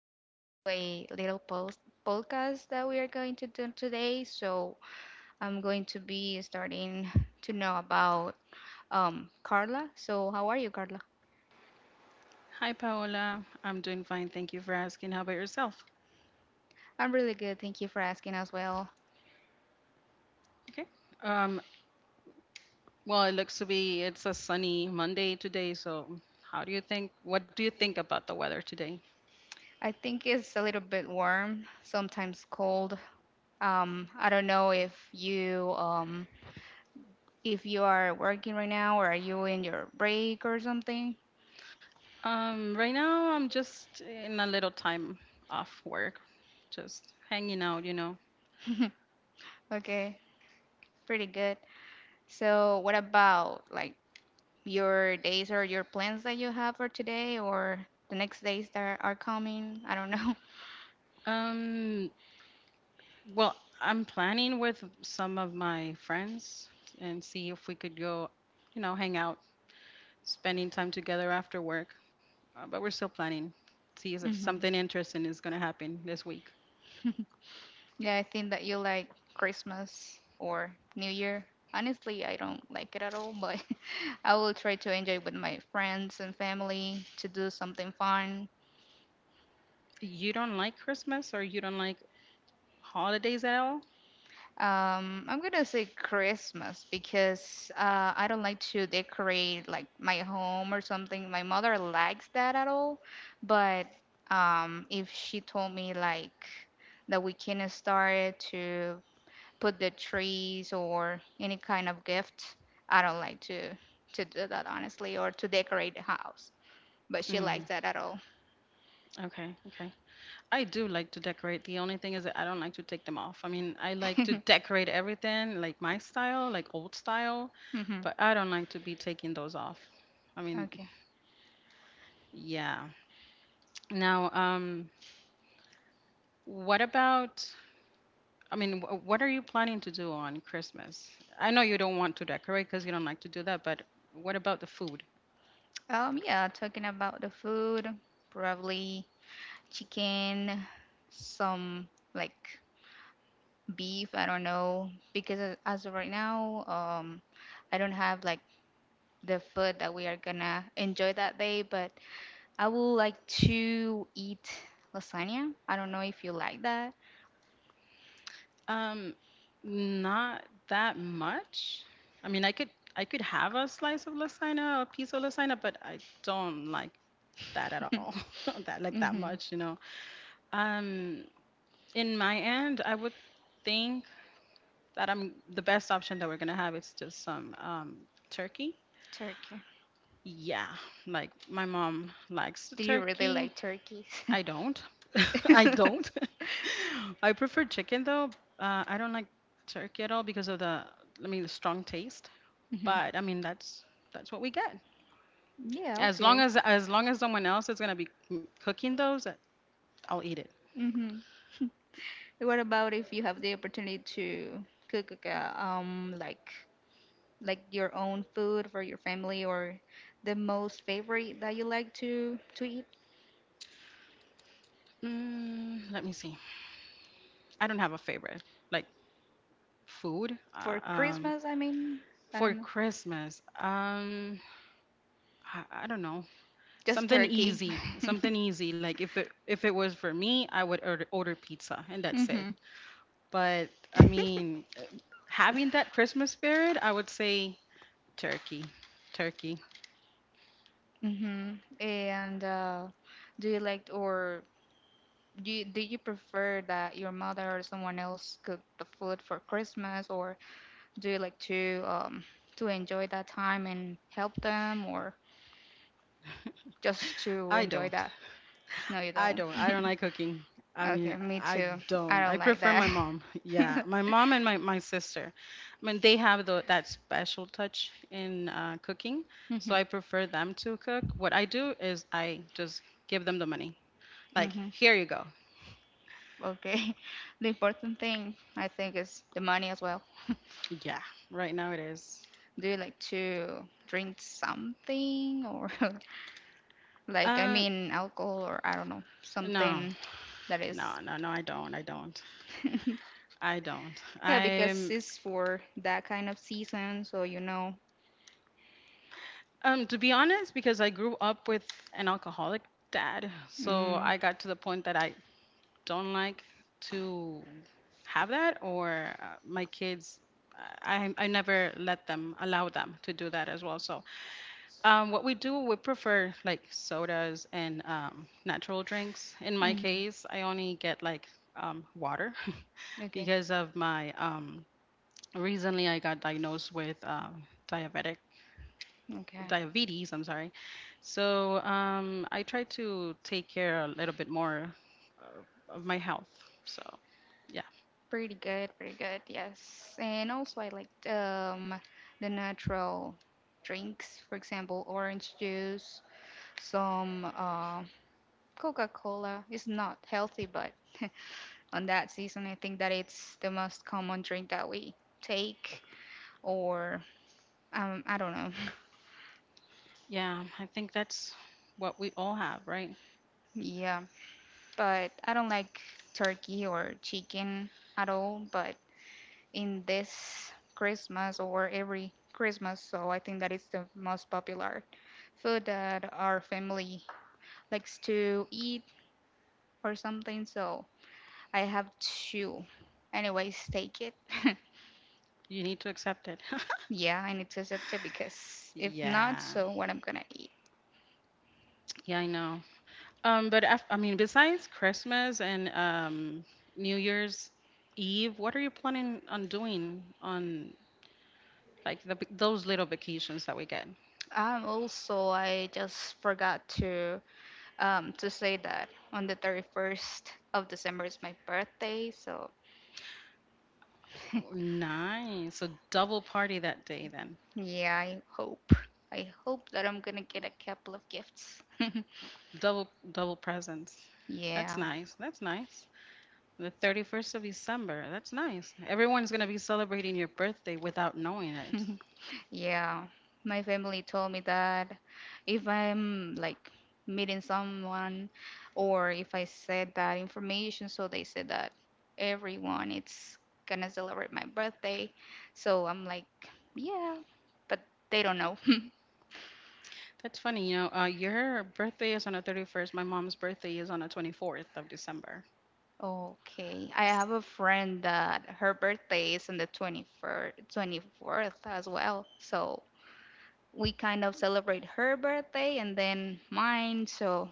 Welcome to a little post podcast that we are going to do today. So I'm going to be starting to know about Carla. So how are you, Carla? Hi, Paola. I'm doing fine. Thank you for asking. How about yourself? I'm really good. Thank you for asking as well. Okay. Um, well, it looks to be it's a sunny Monday today. So, how do you think? What do you think about the weather today? I think it's a little bit warm, sometimes cold. I don't know if you if you are working right now, or are you in your break or something? Right now, I'm just in a little time off work, just hanging out. Okay, pretty good. So what about like your days or your plans that you have for today or the next days that are coming? I don't know. Um, well, I'm planning with some of my friends and see if we could go, hang out, spending time together after work. But we're still planning. See as if something interesting is gonna happen this week. Hmm. Yeah, I think that you like Christmas or New Year. Honestly, I don't like it at all, but I will try to enjoy with my friends and family to do something fun. You don't like Christmas or you don't like holidays at all? I'm gonna say Christmas, because I don't like to decorate like my home or something. My mother likes that at all, but if she told me like that we can start to put the trees or any kind of gift, I don't like to do that, honestly, or to decorate the house. But she Mm, likes that at all. okay, okay. I do like to decorate. The only thing is that I don't like to take them off. I mean, I like to decorate everything like my style, like old style, Hmm. but I don't like to be taking those off. I mean, Okay. yeah. Now, what about, I mean, what are you planning to do on Christmas? I know you don't want to decorate because you don't like to do that, but what about the food? Yeah, talking about the food, probably chicken, some like beef, I don't know, because as of right now, I don't have like the food that we are gonna enjoy that day, but I would like to eat lasagna. I don't know if you like that. Um, Not that much. I mean, I could have a slice of lasagna, a piece of lasagna, but I don't like that at all. That like that Hmm. much. Um, in my end, I would think that I'm the best option that we're gonna have is just some turkey. Turkey. Yeah, like my mom likes the Do you really turkey. like turkeys? I don't. I don't. I prefer chicken though. I don't like turkey at all because of the, I mean, the strong taste. Mhm. But I mean, that's what we get. Yeah, As long okay. as as long as someone else is gonna be cooking those, I'll eat it. Hmm. What about if you have the opportunity to cook, like, like your own food for your family, or the most favorite that you like to eat Let me see. I don't have a favorite like food. For Christmas? I mean, I For don't know. Christmas, I don't know. Just Something turkey. easy, something easy. Like if it was for me, I would order pizza, and that's it. Mm-hmm. But I mean, having that Christmas spirit, I would say turkey. Turkey. Mm-hmm. And do you like, or do you prefer that your mother or someone else cook the food for Christmas, or do you like to enjoy that time and help them, or just to I enjoy don't. that? No, you I don't. don't. I don't like cooking. I Okay, mean, me I too. I don't. don't I like prefer that. my mom. Yeah, my mom and my sister. I mean, they have that special touch in cooking. So Hmm. I prefer them to cook. What I do is I just give them the money. Like, Hmm. here you go. Okay. The important thing, I think, is the money as well. Yeah, right now it is. Do you like to drink something, or like, I Uh, mean, alcohol, or I don't know, no, something that no, is. no, no, I don't. I don't. I don't. Yeah, because I'm it's for that kind of season, so you know. To be honest because I grew up with an alcoholic dad. So Mm. I got to the point that I don't like to have that or my kids I never let them allow them to do that as well. So what we do, we prefer like sodas and natural drinks. In my Mhm. case, I only get like water Okay. because of my recently I got diagnosed with diabetic Okay. diabetes, I'm sorry. So I try to take care a little bit more of my health. So yeah, Pretty good, pretty good, yes. And also, I liked the natural drinks, for example, orange juice, some Coca-Cola. It's not healthy, but on that season, I think that it's the most common drink that we take, or I don't know. yeah, I think that's what we all have, right? Yeah, but I don't like turkey or chicken at all, but in this Christmas or every Christmas, so I think that it's the most popular food that our family likes to eat or something. So I have to, anyways, take it. You need to accept it. Yeah, I need to accept it, because if not, Yeah, so what I'm gonna eat? yeah, I know. But I mean, besides Christmas and New Year's Eve, what are you planning on doing on like those little vacations that we get? Also, I just forgot to say that on the 31st of December is my birthday. So Oh, nice. So double party that day then. yeah, I hope that I'm gonna get a couple of gifts. Double presents. That's Yeah. nice. That's nice. The 31st of December. That's nice. Everyone's going to be celebrating your birthday without knowing it. Yeah, my family told me that if I'm like meeting someone, or if I said that information, so they said that everyone it's gonna celebrate my birthday. So I'm like, yeah, but they don't know. That's funny. You know, your birthday is on the 31st. My mom's birthday is on the 24th of December. Okay, I have a friend that her birthday is on the 21st, 24th as well. So we kind of celebrate her birthday and then mine. So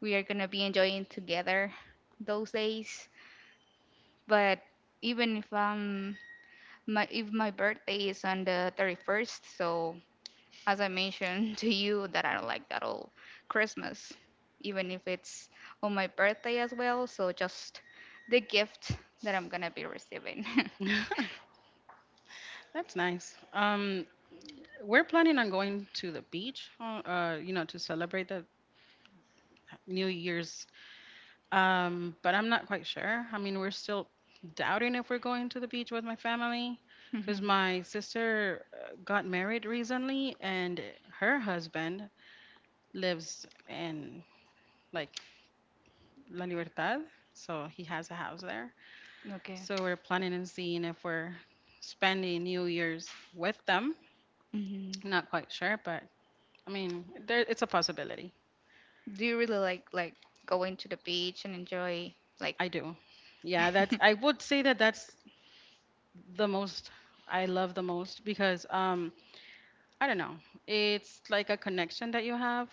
we are gonna be enjoying together those days. But even if my if my birthday is on the 31st, so as I mentioned to you that I don't like that old Christmas, even if it's on my birthday as well. So just the gift that I'm gonna be receiving. That's nice. We're planning on going to the beach, to celebrate the New Year's. But I'm not quite sure. I mean, we're still doubting if we're going to the beach with my family because Mhm. my sister got married recently and her husband lives in like La Libertad. So he has a house there. Okay. So we're planning and seeing if we're spending New Year's with them. Hmm. Not quite sure, but I mean, there, it's a possibility. Do you really like, going to the beach and enjoy, like? I do. Yeah, I would say that that's the most I love the most because, I don't know. It's like a connection that you have.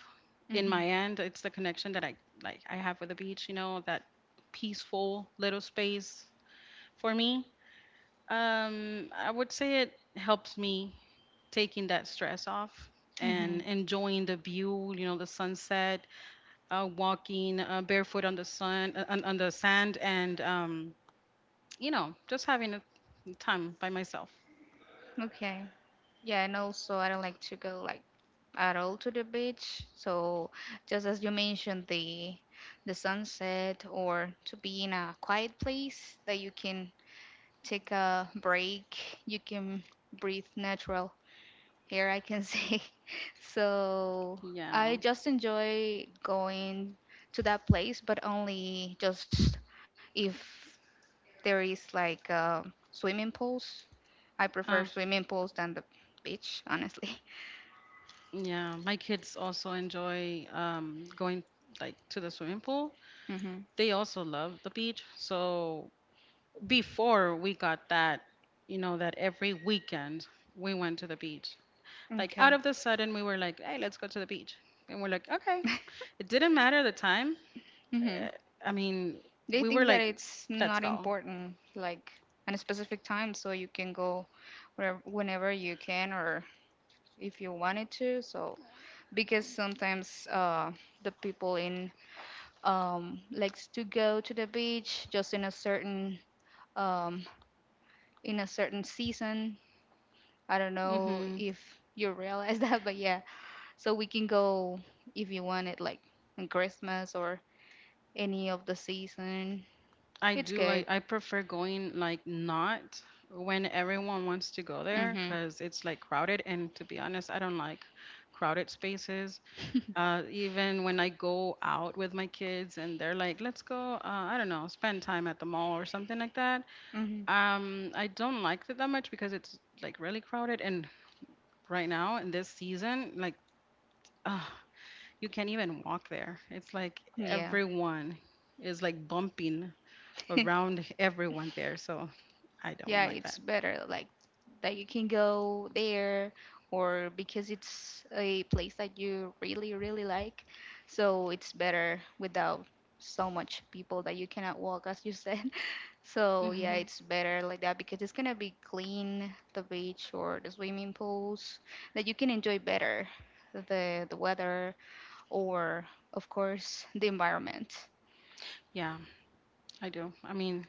In my Mhm. end, it's the connection that I have with the beach, that peaceful little space for me. I would say it helps me taking that stress off Mm-hmm. and enjoying the view, the sunset, walking barefoot on the sand and just having a time by myself. Okay. Yeah, and also I don't like to go like at all to the beach. So just as you mentioned, the sunset, or to be in a quiet place that you can take a break, you can breathe natural air, I can say. So Yeah. I just enjoy going to that place, but only just if there is like swimming pools. I prefer Uh, swimming pools than the beach, honestly. Yeah, my kids also enjoy going like to the swimming pool. Hmm. They also love the beach. So before we got that, that every weekend we went to the beach. Like Okay. out of the sudden, we were like, "Hey, let's go to the beach," and we're like, "Okay." It didn't matter the time. Hmm. Uh, I mean, They we were think that like, it's "Let's not go." important, like at a specific time, so you can go wherever, whenever you can, or if you wanted to. So because sometimes the people in likes to go to the beach just um, in a certain season. I don't know Mm-hmm. if you realize that, but yeah, so we can go if you want it, like on Christmas or any of the season. I It's do. I, good. I prefer going like not when everyone wants to go there Mhm. because it's like crowded. And to be honest, I don't like crowded spaces. Even when I go out with my kids and they're like, let's go, I don't know, spend time at the mall or something like that. Mhm. I don't like it that much because it's like really crowded. And right now in this season, like, uh, you can't even walk there. It's like Yeah. everyone is like bumping around everyone there. So I don't Yeah, like it's that. better like that, you can go there, or because it's a place that you really, really like. So it's better without so much people that you cannot walk, as you said. So yeah, hmm it's better like that, because it's gonna be clean, the beach or the swimming pools, that you can enjoy better the weather, or of course the environment. Yeah, I do. I mean,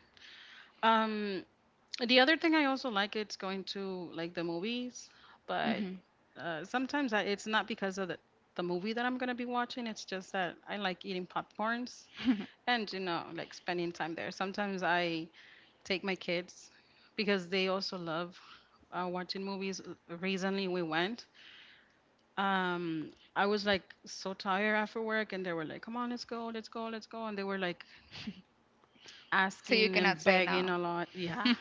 um, the other thing I also like it's going to like the movies, but Hmm. Sometimes it's not because of the movie that I'm gonna be watching. It's just that I like eating popcorns and like spending time there. Sometimes I take my kids because they also love watching movies. Recently we went. I was like so tired after work, and they were like, "Come on, let's go, let's go, let's go," and they were like So you asking cannot and say begging no. a lot. Yeah.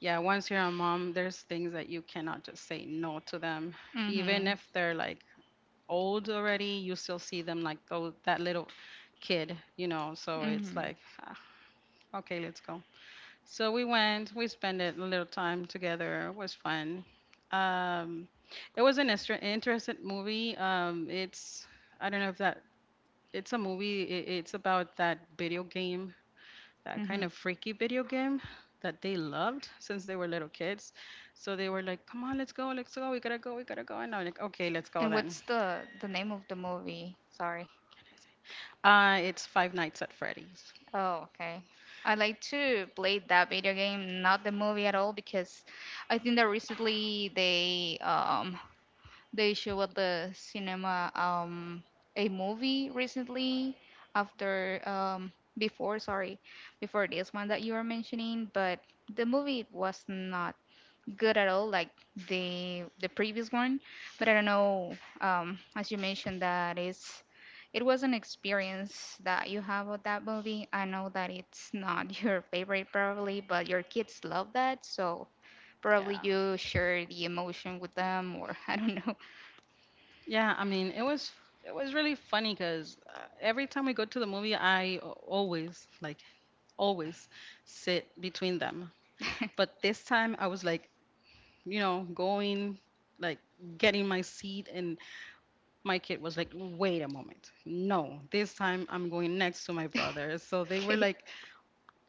Yeah. Once you're a mom, there's things that you cannot just say no to them. Even Hmm. if they're like old already, you still see them like that little kid. So it's Mm-hmm. like, ah, okay, let's go. So we went, we spent a little time together. It was fun. Um, it was an interesting movie. It's I don't know if it's a movie. It's about that video game, that kind Mm-hmm. of freaky video game that they loved since they were little kids. So they were like, "Come on, let's go, we gotta go, we gotta go." And I'm like, "Okay, let's go And then." what's the name of the movie? Sorry. It's Five Nights at Freddy's. Oh, okay. I like to play that video game, not the movie at all, because I think that recently they show at the cinema a movie recently after before, sorry, before this one that you are mentioning, but the movie was not good at all, like the previous one. But I don't know. As you mentioned, that it's it was an experience that you have with that movie. I know that it's not your favorite, probably, but your kids love that, so probably Yeah, you share the emotion with them, or I don't know. yeah. I mean, it was really funny because every time we go to the movie, I al- always like always sit between them. But this time, I was like, going like getting my seat and my kid was like, wait a moment. No, this time I'm going next to my brother. So they were Okay. like,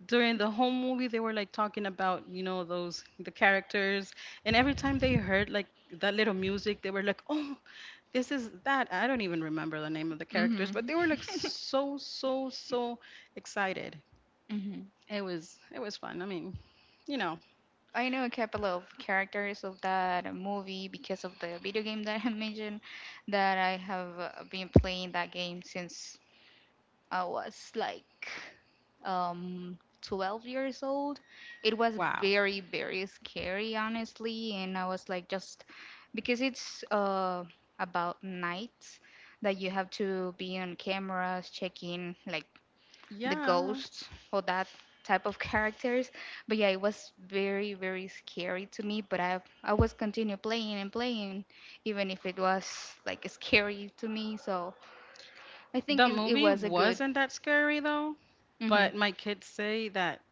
during the whole movie, they were like talking about, the characters. And every time they heard like that little music, they were like, oh, this is that. I don't even remember the name of the characters, but they were like Mm-hmm. so, so, so excited. Hmm. It was fun. I mean, you know, I know a couple of characters of that movie because of the video game that I mentioned that I have been playing that game since I was like um 12 years old. It was wow. very, very scary, honestly. And I was like, just because it's about nights that you have to be on cameras checking like the Yeah. ghosts or that type of characters. But yeah, it was very, very scary to me. But I was continue playing and playing, even if it was like scary to me. So I think The it movie was a good. wasn't that scary though, Hmm. but my kids say that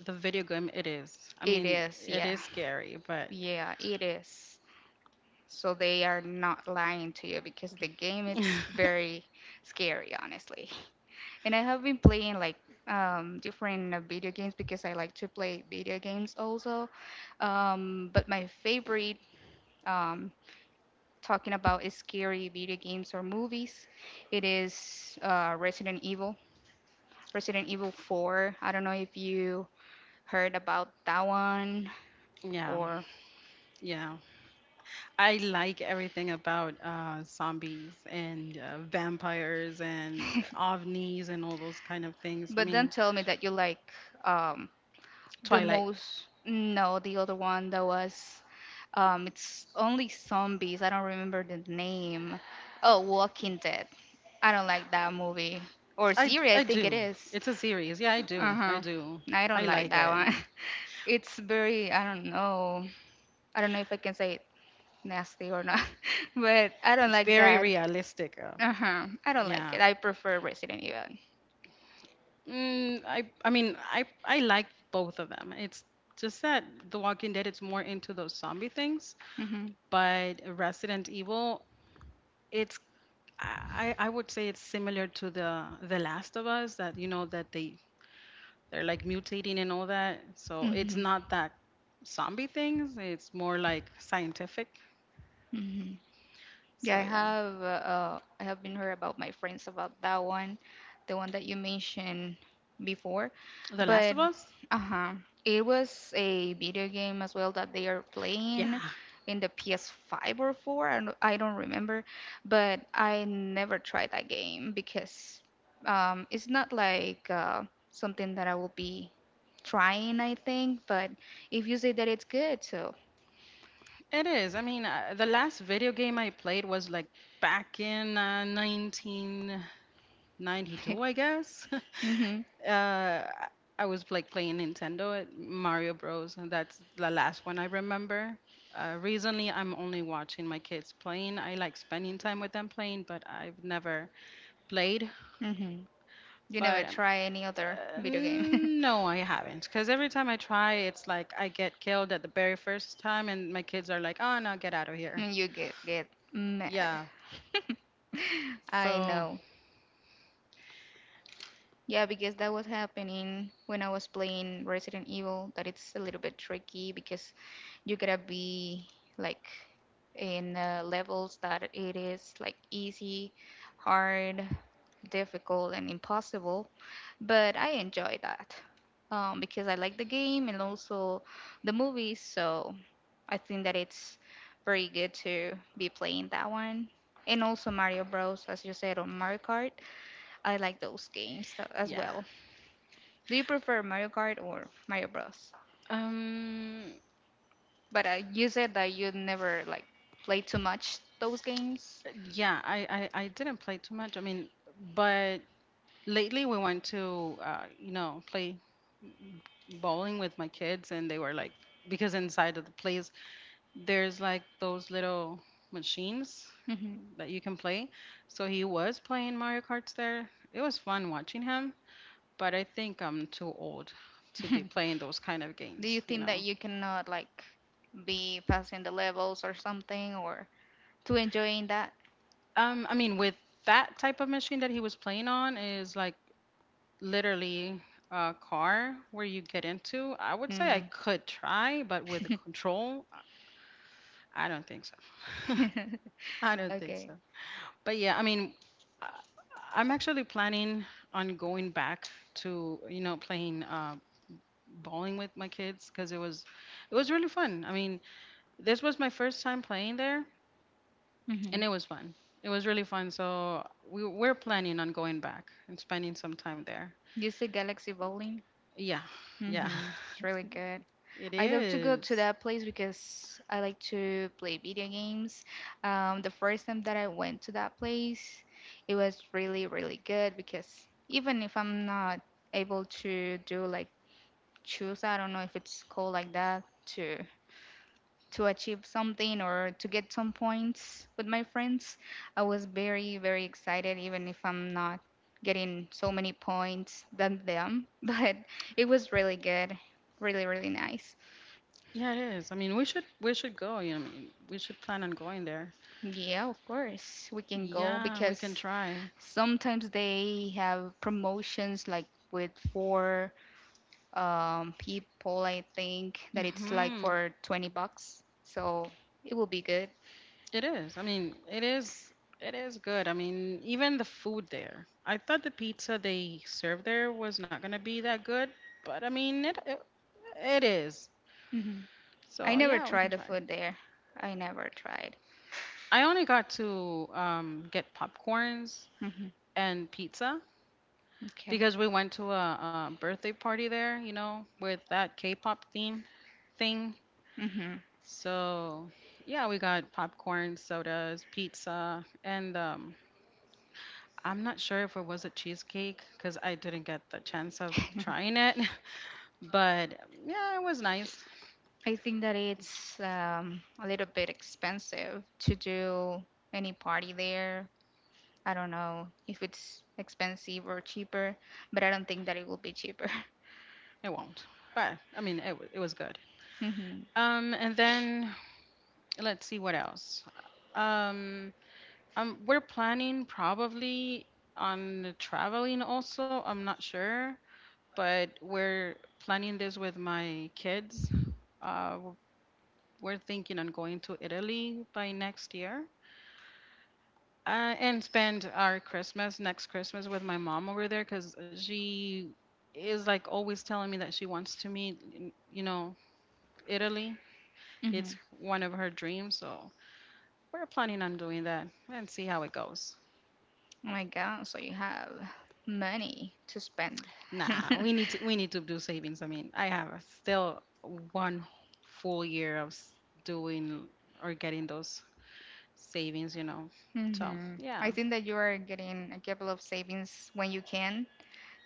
the video game, it is. I It mean, is, it yeah. is scary, but Yeah, it is. So they are not lying to you, because the game it's very scary, honestly. And I have been playing like different video games, because I like to play video games also. But my favorite, um, talking about is scary video games or movies, it is Resident Evil. Resident Evil 4. I don't know if you heard about that one, yeah, or yeah. I like everything about zombies and vampires and ovnis and all those kind of things. I but don't mean, tell me that you like um the Twilight. most, no, the other one that was it's only zombies. I don't remember the name. Oh, Walking Dead. I don't like that movie or I series. I I think it do. is, It's a series. Yeah, I do. I uh-huh, do. I don't I like like that it. one. It's very, I don't know, I don't know if I can say it nasty or not, but I don't It's like very that. realistic. Uh-huh. I don't like Yeah. it. I prefer Resident Evil. I like both of them. It's just that The Walking Dead it's more into those zombie things, Mm-hmm. but Resident Evil it's I I would say it's similar to The Last of Us that that they're like mutating and all that. So it's Mm-hmm. not that zombie things. It's more like scientific. Mm-hmm. Yeah, So I yeah, have I have been heard about my friends about that one, the one that you mentioned before, The Last but of Us. uh-huh, it was a video game as well that they are Yeah, playing in the PS5 or 4. I don't remember, but I never tried that game, because it's not like something that I will be trying, I think. But if you say that it's good, so. it is. I mean, the last video game I played was like back in 19 92, I guess. Mm-hmm. uh, I was like playing Nintendo, at Mario Bros. And that's the last one I remember. Recently, I'm only watching my kids playing. I like spending time with them playing, but I've never played. Mm-hmm. You never But try any other video game. no, I haven't. Because every time I try, it's like I get killed at the very first time, and my kids are like, oh no, get out of here. And you get mad. Yeah. I So, know. Yeah, because that was happening when I was playing Resident Evil, that it's a little bit tricky, because you gotta be like in levels that it is like easy, hard, difficult, and impossible. But I enjoy that because I like the game and also the movies, so I think that it's very good to be playing that one. And also Mario Bros, as you said, on Mario Kart. I like those games as yeah. well. Do you prefer Mario Kart or Mario Bros? Um, But you said that you never like play too much those games. Yeah, I didn't play too much. I mean, but lately we went to, play bowling with my kids, and they were like, because inside of the place, there's like those little machines Mhm. that you can play. So he was playing Mario Karts there. It was fun watching him, but I think I'm too old to be playing those kind of Do you games, you think that know. you cannot like be passing the levels or something, or too enjoying that? I mean, with that type of machine that he was playing on is like literally a car where you get into, I would say I Mm. could try, but with the control, I don't think so. I don't think Okay. so. But yeah, I mean, I- I'm actually planning on going back to, playing bowling with my kids because it was really fun. I mean, this was my first time playing there and Hmm. it was fun. It was really fun. So we're planning on going back and spending some time there. You see Galaxy Bowling? Yeah. Yeah. Mm-hmm. It's really good. It I love to go to is. that place because I like to play video games. The first time that I went to that place, it was really, really good because even if I'm not able to do like choose, I don't know if it's called like that, to to achieve something or to get some points with my friends. I was very, very excited, even if I'm not getting so many points than them. But it was really good, really, really nice. Yeah, it is. I mean, we should go. I mean, we should plan on going there. Yeah, of course, we can go Yeah, we can because try. sometimes they have promotions like with four people, I think, that it's like Hmm. for 20 bucks. So it will be good. It is. I mean, it is. It is good. I mean, even the food there. I thought the pizza they served there was not gonna be that good, but I mean, it is. Hmm I So never yeah, we tried can the try. food there. I never tried. I only got to get popcorns Mhm. and pizza Okay. because we went to a birthday party there. With that K-pop theme thing. hmm So, yeah, we got popcorn, sodas, pizza, and I'm not sure if it was a cheesecake because I didn't get the chance of trying it. But yeah, it was nice. I think that it's a little bit expensive to do any party there. I don't know if it's expensive or cheaper, but I don't think that it will be cheaper. It won't. But I mean, it was good. hmm And then let's see what else. Um, we're planning probably on traveling also. I'm not sure, but we're planning this with my kids. Uh, We're thinking on going to Italy by next year and spend our Christmas, next Christmas, with my mom over there because she is like always telling me that she wants to meet, you know, Italy. hmm It's one of her dreams. So we're planning on doing that and see how it goes. Oh my God, so you have money to spend. Nah, we need to do savings. I mean, I have still one full year of doing or getting those savings. So, hmm yeah. I think that you are getting a couple of savings when you can,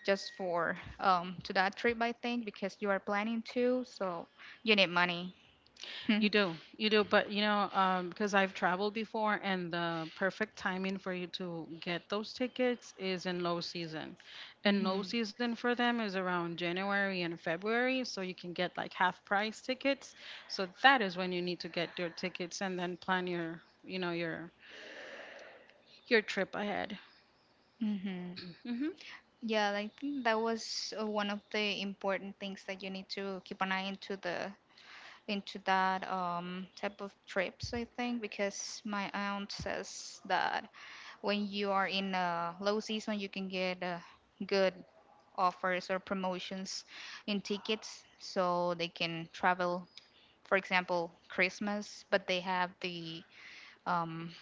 just for to that trip, I think, because you are planning to, so you need money. You do, but because I've traveled before, and the perfect timing for you to get those tickets is in low season, and low Mm-hmm. season for them is around January and February, so you can get like half price tickets. So that is when you need to get your tickets and then plan your, your trip ahead. Mm-hmm. Hmm. Yeah, I think that was one of the important things that you need to keep an eye into the into that type of trips, I think, because my aunt says that when you are in a low season, you can get good offers or promotions in tickets, so they can travel. For example, Christmas, but they have um,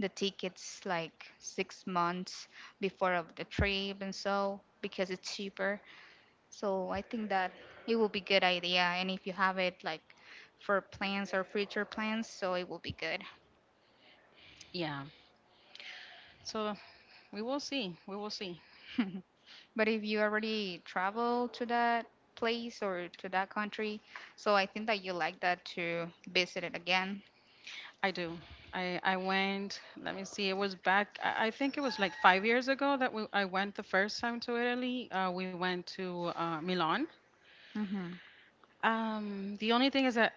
the tickets like 6 months before of the trip and so because it's cheaper. So I think that it will be good idea. And if you have it like for plans or future plans, so it will be good. Yeah. So we will see. We will see. But if you already travel to that place or to that country, so I think that you like that to visit it again. I do. I went. Let me see. It was back. I think it was like 5 years ago that we I went the first time to Italy. We went to Milan. Mm-hmm. The only thing is that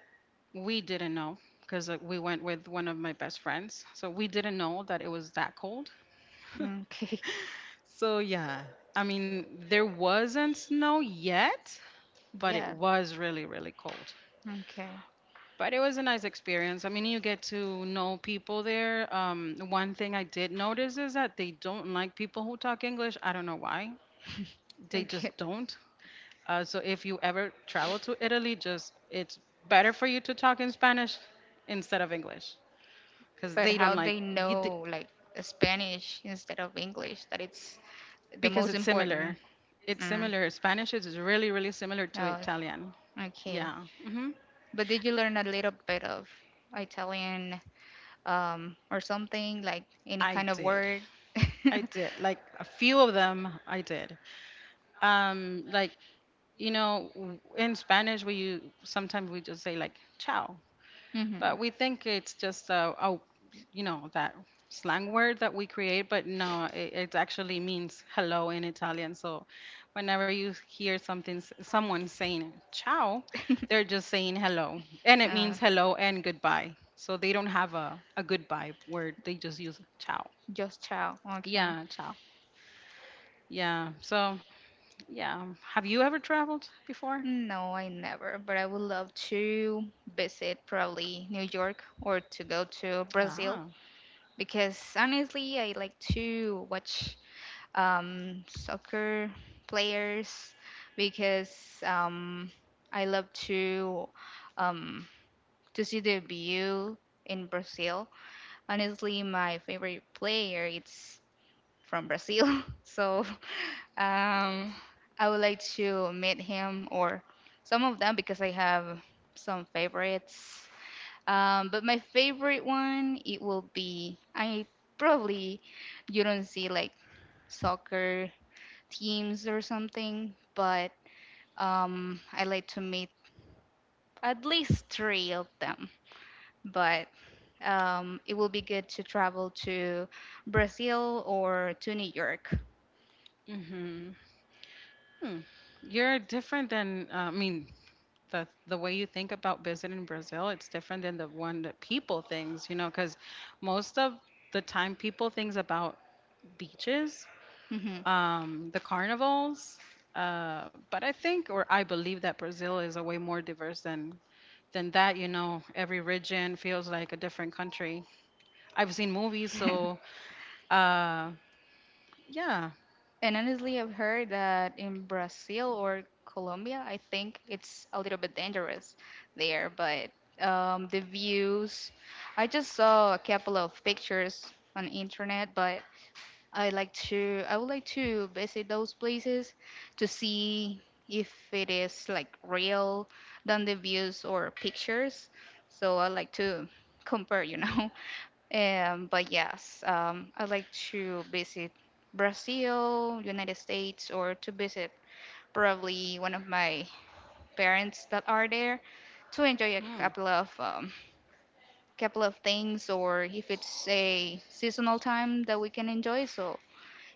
we didn't know because we went with one of my best friends, so we didn't know that it was that cold. Okay. So yeah, I mean there wasn't snow yet, but it Yeah. was really really cold. Okay. But it was a nice experience. I mean, you get to know people there. One thing I did notice is that they don't like people who talk English. I don't know why. They just Okay. don't. So if you ever travel to Italy, just it's better for you to talk in Spanish instead of English because But they don't how like they you, know like Spanish instead of English, that it's the because most it's important. similar. It's Mm. similar. Spanish is really, really similar to Oh, Italian. okay. Yeah. Hmm. But did you learn a little bit of Italian or something like any I kind of did. word? I did. Like a few of them, I did. Like in Spanish sometimes we just say like ciao, but hmm we think it's just a that slang word that we create, but no, it actually means hello in Italian. So whenever you hear someone saying ciao, they're just saying hello, and it Uh, means hello and goodbye. So they don't have a goodbye word, they just use ciao. just ciao. Okay. Yeah, ciao. Yeah. So yeah, have you ever traveled before? No, I never. But I would love to visit probably New York or to go to Brazil ah because honestly, I like to watch soccer players because I love to um, to see the view in Brazil. Honestly, my favorite player is from Brazil, so um, I would like to meet him or some of them because I have some favorites. But my favorite one it will be I probably you don't see like soccer teams or something, but I like to meet at least three of them. But it will be good to travel to Brazil or to New York. Hmm. You're different than, I mean, the way you think about visiting Brazil, it's different than the one that people thinks, because most of the time people thinks about beaches, Hmm the carnivals. But I think, or I believe that Brazil is a way more diverse than that. Every region feels like a different country. I've seen movies, so uh, yeah, And honestly, I've heard that in Brazil or Colombia, I think it's a little bit dangerous there, but the views, I just saw a couple of pictures on internet, but I would like to visit those places to see if it is like real than the views or pictures. So I like to compare. But yes, I like to visit Brazil, United States, or to visit probably one of my parents that are there to enjoy a hmm. couple of things, or if it's a seasonal time that we can enjoy, so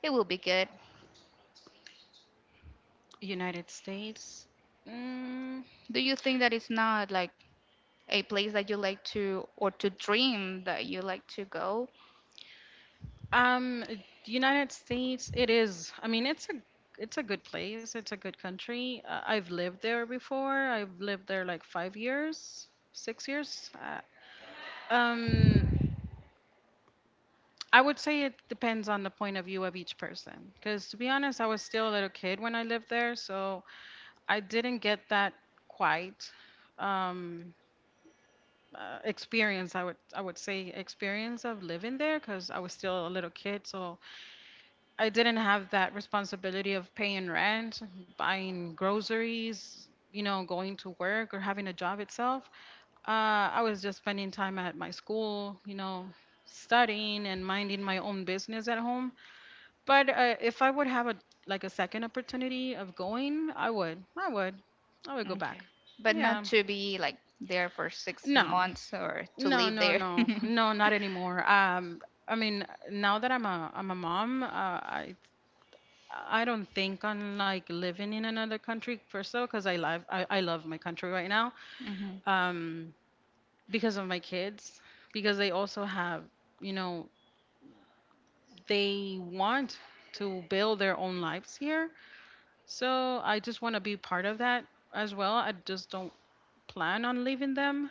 it will be good. United States. Mm. Do you think that it's not like a place that you like to or to dream that you like to go? Um, the United States, it is. I mean, it's a good place. It's a good country. I've lived there before. I've lived there like 5 years, 6 years. Um, I would say it depends on the point of view of each person. Because to be honest, I was still a little kid when I lived there, so I didn't get that quite um, experience. I would say experience of living there because I was still a little kid, so I didn't have that responsibility of paying rent, buying groceries, going to work or having a job itself. I was just spending time at my school, studying and minding my own business at home. But if I would have a like a second opportunity of going, I would. I would. I would go back. Okay. But Yeah. not to be like there for six No. months or to No, live no, there. no. No, not anymore. I mean, now that I'm a mom, I don't think on like living in another country per se, because I love my country right now. hmm Um, because of my kids, because they also have, you know, they want to build their own lives here. So I just want to be part of that as well. I just don't plan on leaving them.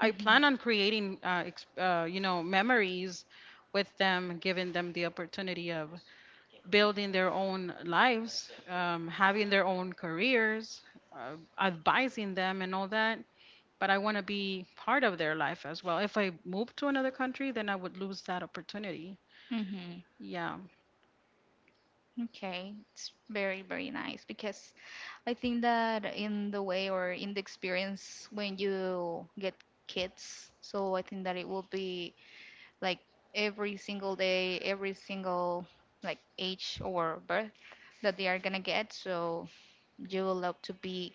I plan hmm on creating, memories with them, giving them the opportunity of building their own lives, having their own careers, advising them, and all that. But I want to be part of their life as well. If I move to another country, then I would lose that opportunity. hmm Yeah, Okay. It's very, very nice because I think that in the way or in the experience when you get kids, so I think that it will be like every single day, every single like age or birth that they are gonna get. So you will love to be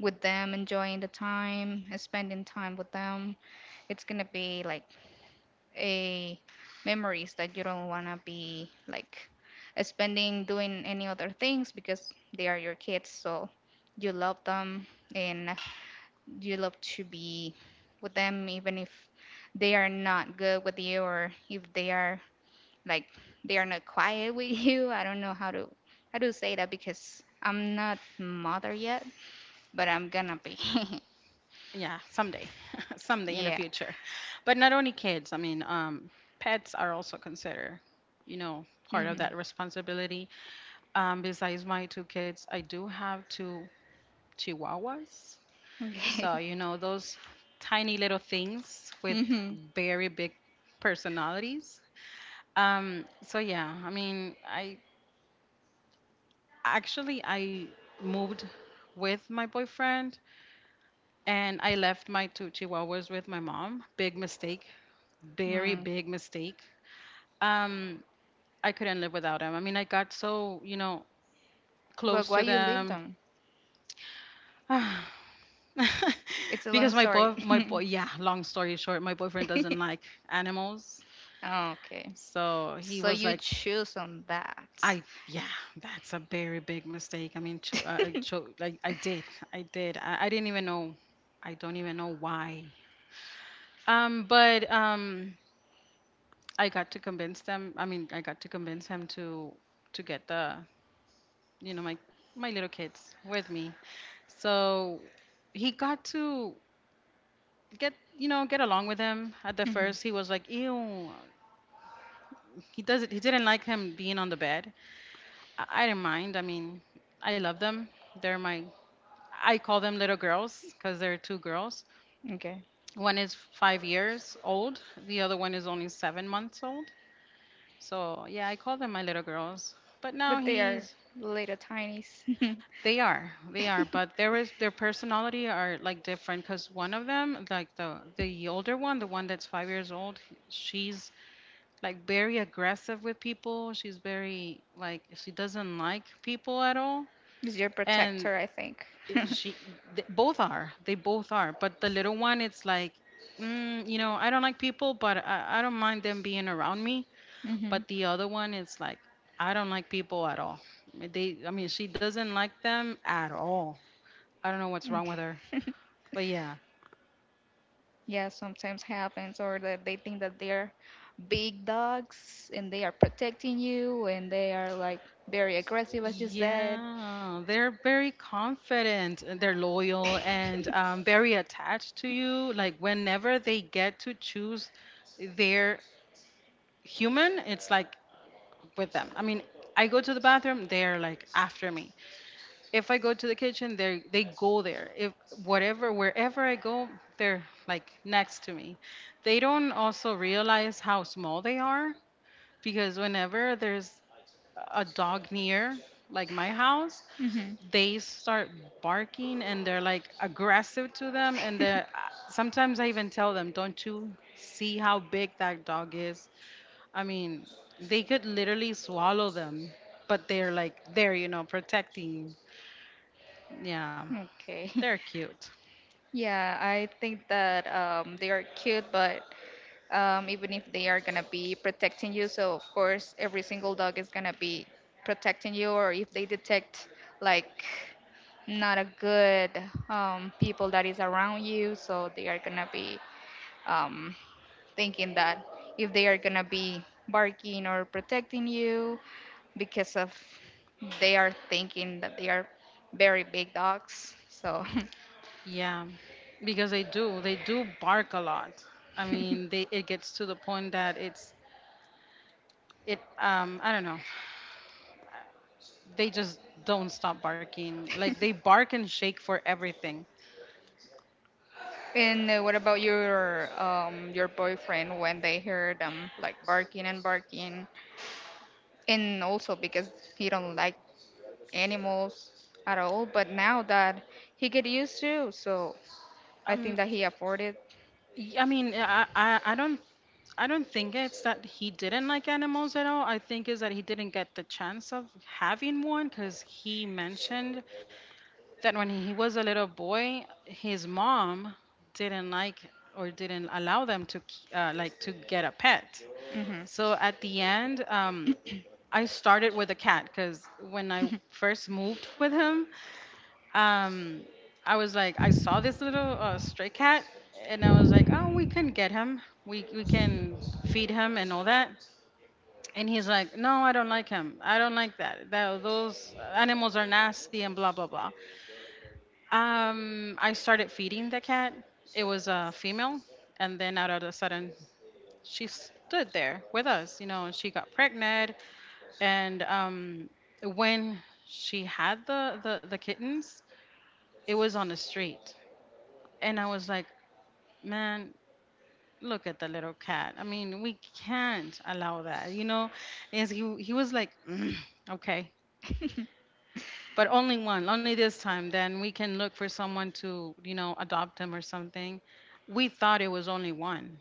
with them, enjoying the time, spending time with them. It's gonna be like a memories that you don't wanna be like spending doing any other things because they are your kids. So you love them and you love to be with them, even if they are not good with you or if they are like they are not quiet with you. I don't know how to say that because I'm not mother yet, but I'm gonna be. yeah, someday, someday in the Yeah. future. But not only kids, I mean, pets are also considered, part of hmm that responsibility. Besides my two kids, I do have two chihuahuas. Okay. So, those tiny little things with hmm very big personalities. So yeah, I mean, I actually I moved with my boyfriend and I left my two chihuahuas with my mom. Big mistake, very Mm. big mistake. Um, I couldn't live without them. I mean, I got so, But close why to you leave them. them? It's a Because long story. My boy yeah, long story short, my boyfriend doesn't like animals. Okay. So he So was you like, choose on that. Yeah, that's a very big mistake. I mean, like I did, I did. I didn't even know. I don't even know why. But I got to convince them. I mean, I got to convince him to get the, you know, my little kids with me. So he got to get along with them. At the Mhm. first, he was like, ew, he didn't like him being on the bed. I don't mind. I mean, I love them. They're my, I call them little girls because they're two girls. Okay. One is 5 years old, the other one is only 7 months old. So yeah, I call them my little girls. But now But they are he's, little tinies. they are, they are. But there is their personality are like different, because one of them, like the older one, the one that's 5 years old, she's like very aggressive with people. She's very like she doesn't like people at all, It's your and protector, I think. it- she both are they both are, but the little one it's like I don't like people, but I don't mind them being around me, hmm but the other one it's like I don't like people at all, they I mean she doesn't like them at all. I don't know what's wrong with her, Okay. but yeah, Yeah, sometimes happens, or that they think that they're big dogs and they are protecting you and they are like very aggressive, as you said. yeah, they're very confident and they're loyal and very attached to you. Like whenever they get to choose their human it's like with them. I mean, I go to the bathroom, they're like after me. If I go to the kitchen, they go there. If whatever wherever I go, they're like next to me. They don't also realize how small they are because whenever there's a dog near, like, my house, hmm they start barking and they're like aggressive to them. And they, sometimes I even tell them, "Don't you see how big that dog is?" I mean, they could literally swallow them, but they're like there, protecting. Yeah, Okay. they're cute. Yeah, I think that they are cute, but even if they are gonna be protecting you, so of course every single dog is gonna be protecting you, or if they detect like not a good people that is around you, so they are gonna be um, thinking that if they are gonna be barking or protecting you because of they are thinking that they are very big dogs, so. Yeah, because they do bark a lot. I mean, they, it gets to the point that it's it. I don't know. They just don't stop barking. Like, they bark and shake for everything. And what about your boyfriend when they heard them like barking and barking, and also because he don't like animals at all. But now that he get used to, so I think Um, that he afforded. I mean, I don't think it's that he didn't like animals at all. I think is that he didn't get the chance of having one because he mentioned that when he was a little boy, his mom didn't like or didn't allow them to like, to get a pet. Mhm. So at the end, I started with a cat because when I first moved with him, um, I was like, I saw this little stray cat, and I was like, "Oh, we can get him. We can feed him and all that." And he's like, "No, I don't like him. I don't like that. Those animals are nasty," and blah, blah, blah. I started feeding the cat. It was a female. And then out of a sudden, she stood there with us, and she got pregnant. And when she had the kittens, it was on the street. And I was like, "Man, look at the little cat. I mean, we can't allow that, you know?" And he was like, "Okay, but only one, only this time, then we can look for someone to adopt him or something." We thought it was only one.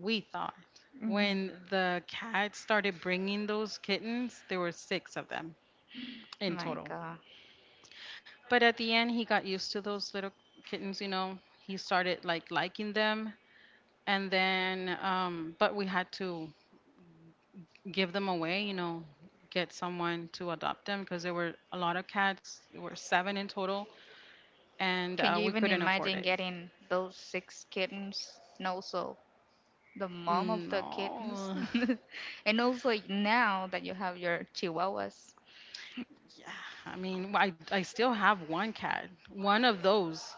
We thought, Mhm. when the cat started bringing those kittens, there were six of them in My total. God, But at the end, he got used to those little kittens. He started, like, liking them, and then, but we had to give them away, get someone to adopt them because there were a lot of cats. There were seven in total, and can you we even couldn't afford imagine it. getting those six kittens and also the mom of the kittens, No. and also now that you have your chihuahuas? Yeah, I mean, I still have one cat, one of those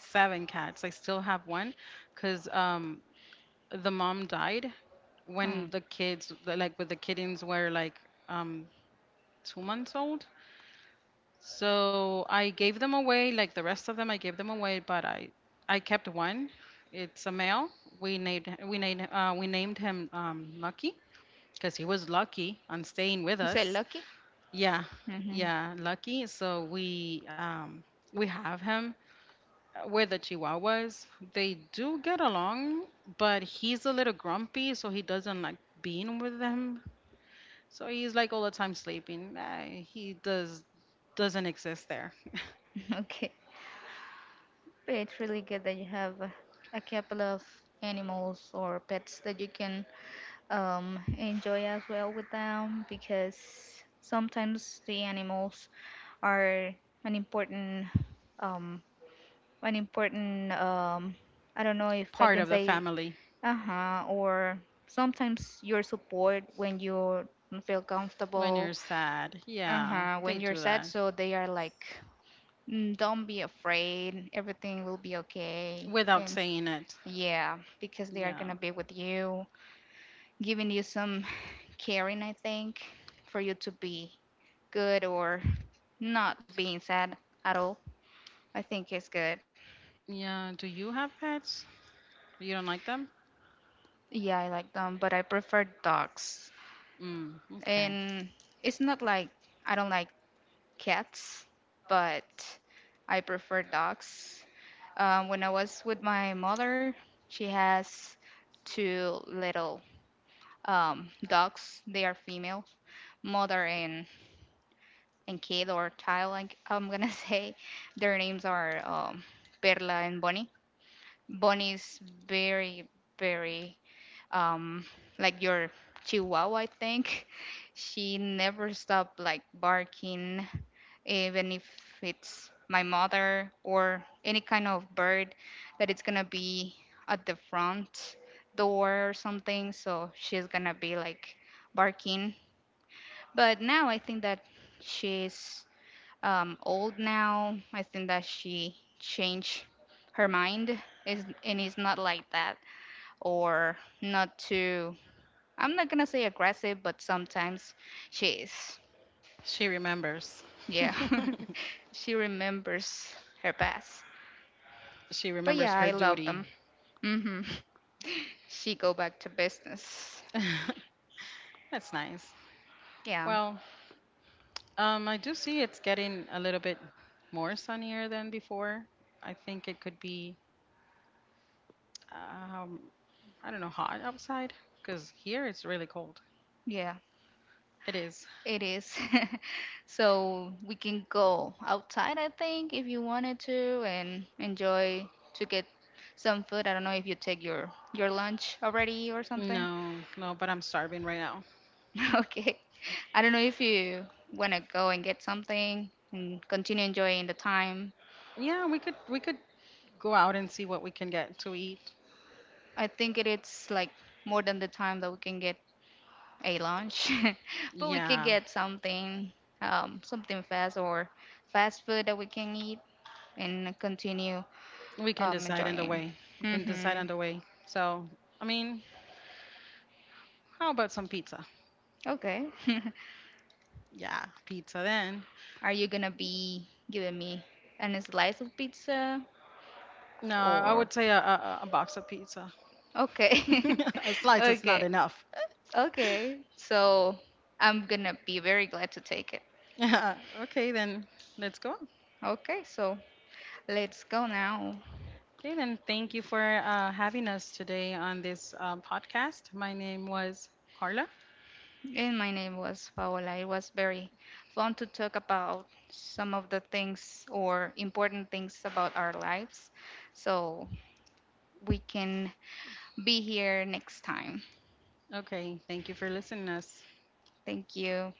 seven cats. I still have one because the mom died Hmm. when the kids, like with the kittens, were like um, 2 months old. So I gave them away, like the rest of them, I gave them away, but I kept one. It's a male. We named him Lucky because he was lucky on staying with Is it us. lucky? Yeah, Hmm yeah, lucky. So we have him with the Chihuahuas. They do get along, but he's a little grumpy, so he doesn't like being with them. So he's like all the time sleeping. He doesn't exist there. Okay. It's really good that you have a couple of animals or pets that you can enjoy as well with them because sometimes the animals are an um important I don't know if I Part can of the say family uh-huh or sometimes your support when you don't feel when comfortable, you're sad. Yeah, uh-huh, when they you're do sad that so they are like "Mm, don't be afraid everything will be okay," without and saying it. yeah, because they are Yeah. gonna be with you, giving you some caring, I think, for you to be good or not being sad at all. I think it's good. Yeah, do you have pets? You don't like them? Yeah, I like them, but I prefer dogs. Mm, okay. And it's not like I don't like cats, but I prefer dogs. When I was with my mother, she has two little dogs. They are female, mother and kid or child, like I'm gonna say, their names are Perla and Bonnie. Bonnie is very, very um, like your Chihuahua, I think. She never stopped like barking, even if it's my mother or any kind of bird that it's gonna be at the front door or something. So she's gonna be like barking. But now I think that she's old now. I think that she changed her mind is and it's not like that or not too I'm not gonna say aggressive, but sometimes she is. She remembers. Yeah. She remembers her past. She But remembers yeah, her I love duty. them. Hmm She go back to business. That's nice. Yeah. Well, I do see it's getting a little bit more sunnier than before. I think it could be, um, I don't know, hot outside because here it's really cold. Yeah. It is. It is. So we can go outside, I think, if you wanted to, and enjoy to get some food. I don't know if you take your lunch already or something. No, no, but I'm starving right now. Okay. I don't know if you want to go and get something and continue enjoying the time. Yeah, we could go out and see what we can get to eat. I think it is like more than the time that we can get a lunch, but we can Yeah, get something, something fast or fast food that we can eat and continue we can decide on the enjoying. way. We can decide on Mm-hmm. the way. So, I mean, how about some pizza? Okay. Yeah, pizza then. Are you gonna be giving me a slice of pizza No, I or? would say a box of pizza. Okay. A slice is not Okay. enough. Okay. So I'm gonna be very glad to take it. Yeah. Okay, then let's go. Okay, so let's go now. Okay, then thank you for having us today on this podcast. My name was Carla. And my name was Paola. It was very fun to talk about some of the things or important things about our lives. So we can be here next time. Okay, thank you for listening us. Thank you.